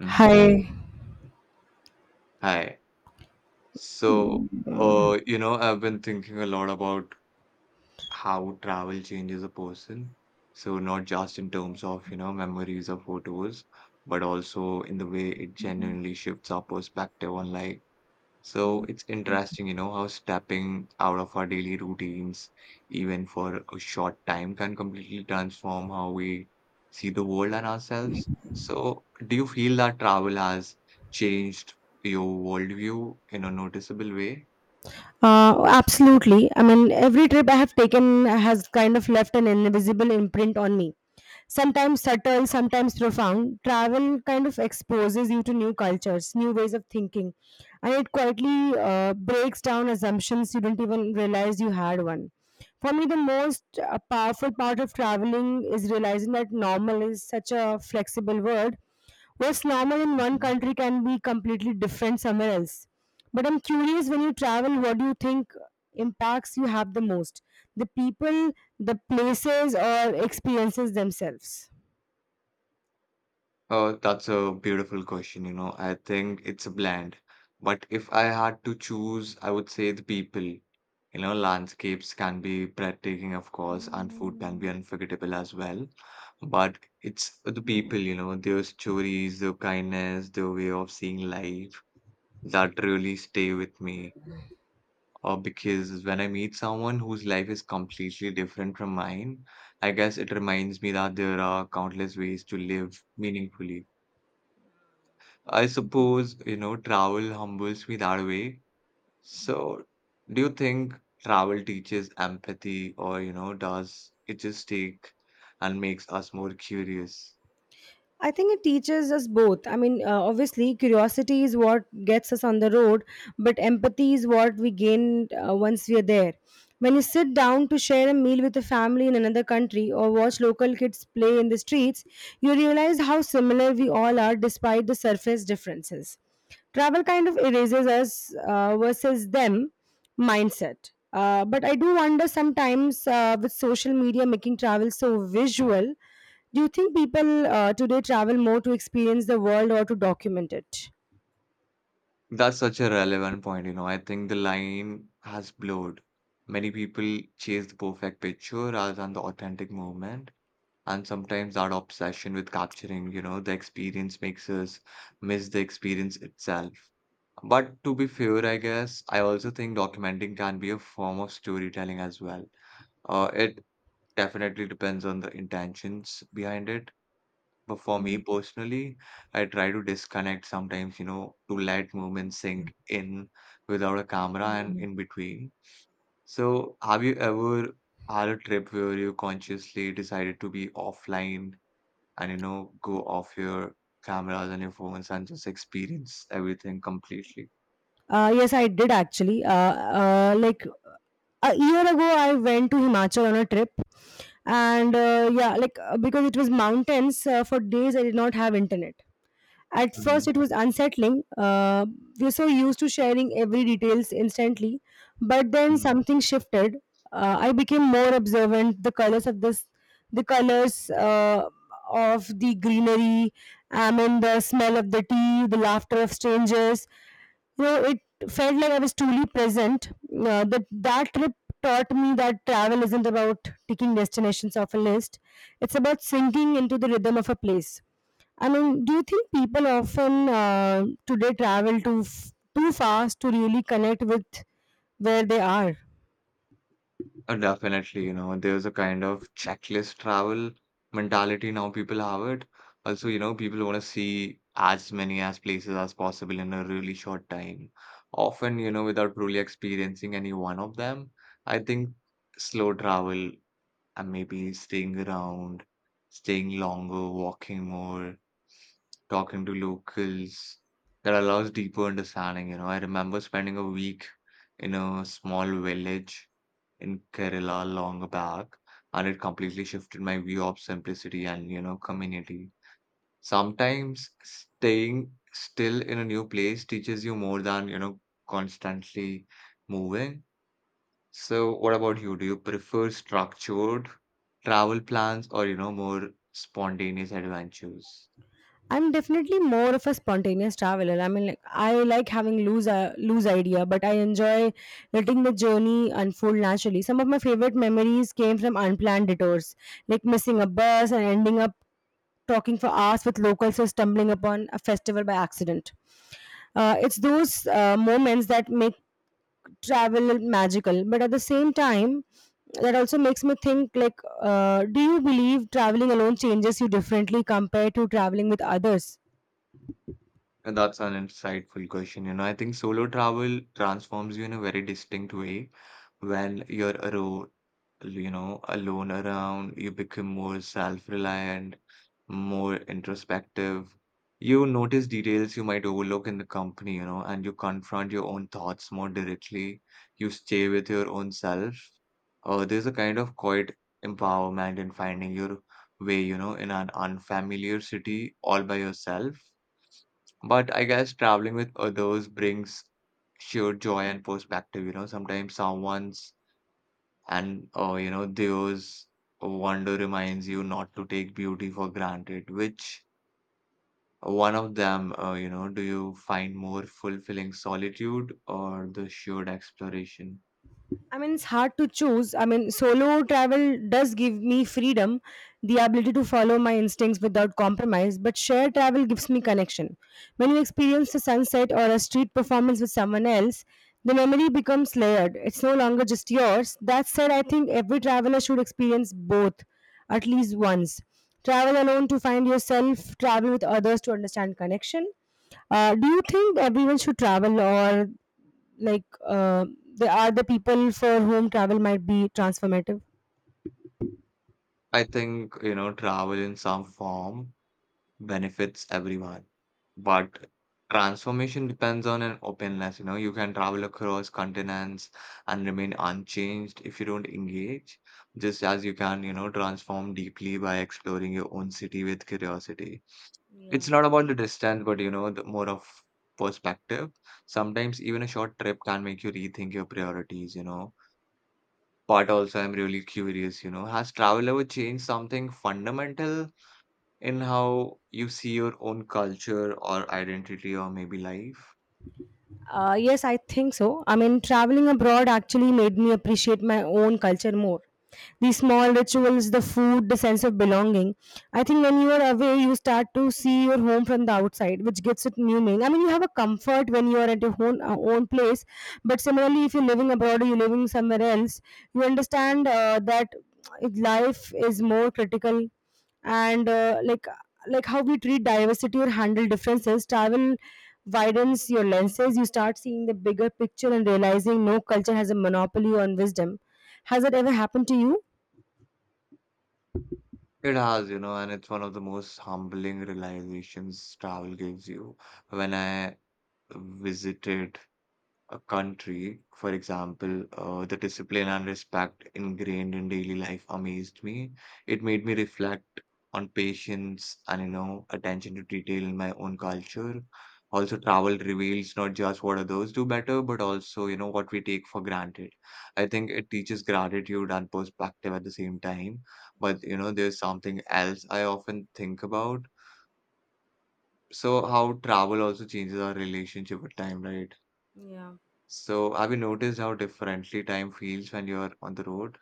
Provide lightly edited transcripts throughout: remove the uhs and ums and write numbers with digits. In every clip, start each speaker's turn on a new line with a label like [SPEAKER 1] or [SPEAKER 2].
[SPEAKER 1] Mhm.
[SPEAKER 2] Hi.
[SPEAKER 1] Hi. So, I've been thinking a lot about how travel changes a person. So, not just in terms of, memories or photos, but also in the way it genuinely shifts our perspective on life. So it's interesting, how stepping out of our daily routines, even for a short time, can completely transform how we see the world and ourselves. So, do you feel that travel has changed your worldview in a noticeable way?
[SPEAKER 2] Absolutely. I mean, every trip I have taken has kind of left an invisible imprint on me. Sometimes subtle, sometimes profound. Travel kind of exposes you to new cultures, new ways of thinking, and it quietly breaks down assumptions you didn't even realize you had one. For me, the most powerful part of traveling is realizing that normal is such a flexible word. What's normal in one country can be completely different somewhere else. But I'm curious, when you travel, what do you think impacts you have the most? The people, the places, or experiences themselves?
[SPEAKER 1] That's a beautiful question. I think it's a blend. But if I had to choose, I would say the people. Landscapes can be breathtaking, of course, and food can be unforgettable as well. But it's the people, their stories, their kindness, their way of seeing life that really stay with me. Or because when I meet someone whose life is completely different from mine, I guess it reminds me that there are countless ways to live meaningfully I suppose, travel humbles me that way. So, do you think travel teaches empathy or, does it just take and makes us more curious?
[SPEAKER 2] I think it teaches us both. I mean, obviously, curiosity is what gets us on the road, but empathy is what we gain once we are there. When you sit down to share a meal with a family in another country or watch local kids play in the streets, you realize how similar we all are despite the surface differences. Travel kind of erases us versus them mindset. But I do wonder sometimes with social media making travel so visual, do you think people today travel more to experience the world or to document it?
[SPEAKER 1] That's such a relevant point. I think the line has blurred. Many people chase the perfect picture rather than the authentic moment. And sometimes that obsession with capturing, the experience makes us miss the experience itself. But to be fair, I guess I also think documenting can be a form of storytelling as well. It definitely depends on the intentions behind it. But for me personally, I try to disconnect sometimes, to let moments sink in without a camera and in between. So, have you ever had a trip where you consciously decided to be offline and, go off your cameras and your phones and just experience everything completely?
[SPEAKER 2] Yes, I did actually. Like a year ago, I went to Himachal on a trip, and yeah, because it was mountains for days, I did not have internet. At
[SPEAKER 1] Hmm.
[SPEAKER 2] first, it was unsettling. We're so used to sharing every details instantly, but then something shifted. I became more observant. The colors of the greenery, I mean the smell of the tea, the laughter of strangers. You know, it felt like I was truly present. That trip taught me that travel isn't about ticking destinations off a list. It's about sinking into the rhythm of a place. I mean, do you think people often today travel too fast to really connect with where they are?
[SPEAKER 1] Definitely, there's a kind of checklist travel mentality now people have it. Also, people want to see as many as places as possible in a really short time. Often, without really experiencing any one of them. I think slow travel and maybe staying around, staying longer, walking more, talking to locals, that allows deeper understanding. I remember spending a week in a small village in Kerala long back, and it completely shifted my view of simplicity and, community. Sometimes staying still in a new place teaches you more than, constantly moving. So, what about you? Do you prefer structured travel plans or, more spontaneous adventures?
[SPEAKER 2] I'm definitely more of a spontaneous traveler. I mean, like, I like having loose idea, but I enjoy letting the journey unfold naturally. Some of my favorite memories came from unplanned detours, like missing a bus and ending up talking for hours with locals or stumbling upon a festival by accident. It's those moments that make travel magical, but at the same time that also makes me think, do you believe traveling alone changes you differently compared to traveling with others?
[SPEAKER 1] And that's an insightful question. I think solo travel transforms you in a very distinct way. When you're alone, alone around, you become more self-reliant, more introspective. You notice details you might overlook in the company, and you confront your own thoughts more directly. You stay with your own self. There's a kind of quiet empowerment in finding your way, in an unfamiliar city all by yourself. But I guess traveling with others brings sheer joy and perspective. Sometimes someone's and theirs wonder reminds you not to take beauty for granted. Which one of them, do you find more fulfilling, solitude or the shared exploration?
[SPEAKER 2] I mean, it's hard to choose. I mean, solo travel does give me freedom, the ability to follow my instincts without compromise, but shared travel gives me connection. When you experience a sunset or a street performance with someone else, the memory becomes layered. It's no longer just yours. That said, I think every traveler should experience both at least once. Travel alone to find yourself, travel with others to understand connection. Do you think everyone should travel, or like uh, there are the people for whom travel might be transformative?
[SPEAKER 1] I think, travel in some form benefits everyone. But transformation depends on an openness. You can travel across continents and remain unchanged if you don't engage, just as you can, transform deeply by exploring your own city with curiosity. It's not about the distance, but, the more of perspective. Sometimes even a short trip can make you rethink your priorities. But also, I'm really curious, has travel ever changed something fundamental in how you see your own culture or identity or maybe life.
[SPEAKER 2] Yes, I think so. I mean, traveling abroad actually made me appreciate my own culture more, the small rituals, the food, the sense of belonging. I think when you are away, you start to see your home from the outside, which gives it new meaning. I mean, you have a comfort when you are at your own place. But similarly, if you're living abroad or you're living somewhere else, you understand that life is more critical, and how we treat diversity or handle differences. Travel widens your lenses. You start seeing the bigger picture and realizing no culture has a monopoly on wisdom. Has that ever happened to you?
[SPEAKER 1] It has, and it's one of the most humbling realizations travel gives you. When I visited a country, for example, the discipline and respect ingrained in daily life amazed me. It made me reflect on patience and, attention to detail in my own culture. Also, travel reveals not just what others do better, but also, what we take for granted. I think it teaches gratitude and perspective at the same time. But, there's something else I often think about. So, how travel also changes our relationship with time, right?
[SPEAKER 2] Yeah.
[SPEAKER 1] So, have you noticed how differently time feels when you're on the road?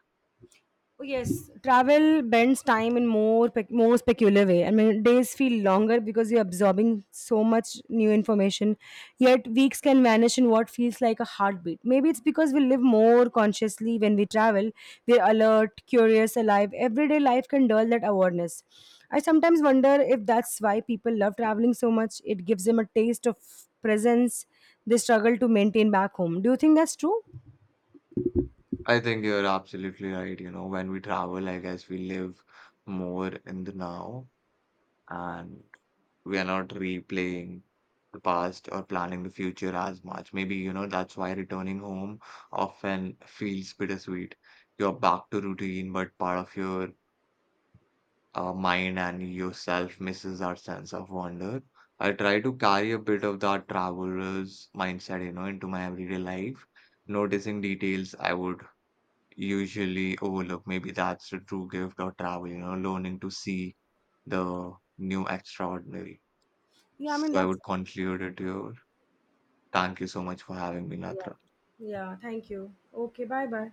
[SPEAKER 2] Oh, yes, travel bends time in more peculiar way. I mean, days feel longer because you're absorbing so much new information. Yet weeks can vanish in what feels like a heartbeat. Maybe it's because we live more consciously when we travel. We're alert, curious, alive. Everyday life can dull that awareness. I sometimes wonder if that's why people love traveling so much. It gives them a taste of presence they struggle to maintain back home. Do you think that's true?
[SPEAKER 1] I think you're absolutely right. When we travel, I guess we live more in the now and we are not replaying the past or planning the future as much. Maybe, that's why returning home often feels bittersweet. You're back to routine, but part of your mind and yourself misses our sense of wonder. I try to carry a bit of that traveler's mindset, into my everyday life, noticing details I would usually overlook. Maybe that's the true gift of travel, learning to see the new extraordinary.
[SPEAKER 2] Yeah, I mean
[SPEAKER 1] So I
[SPEAKER 2] that's...
[SPEAKER 1] would conclude it here. Thank you so much for having me,
[SPEAKER 2] Yeah.
[SPEAKER 1] Natra.
[SPEAKER 2] Yeah, thank you. Okay. Bye bye.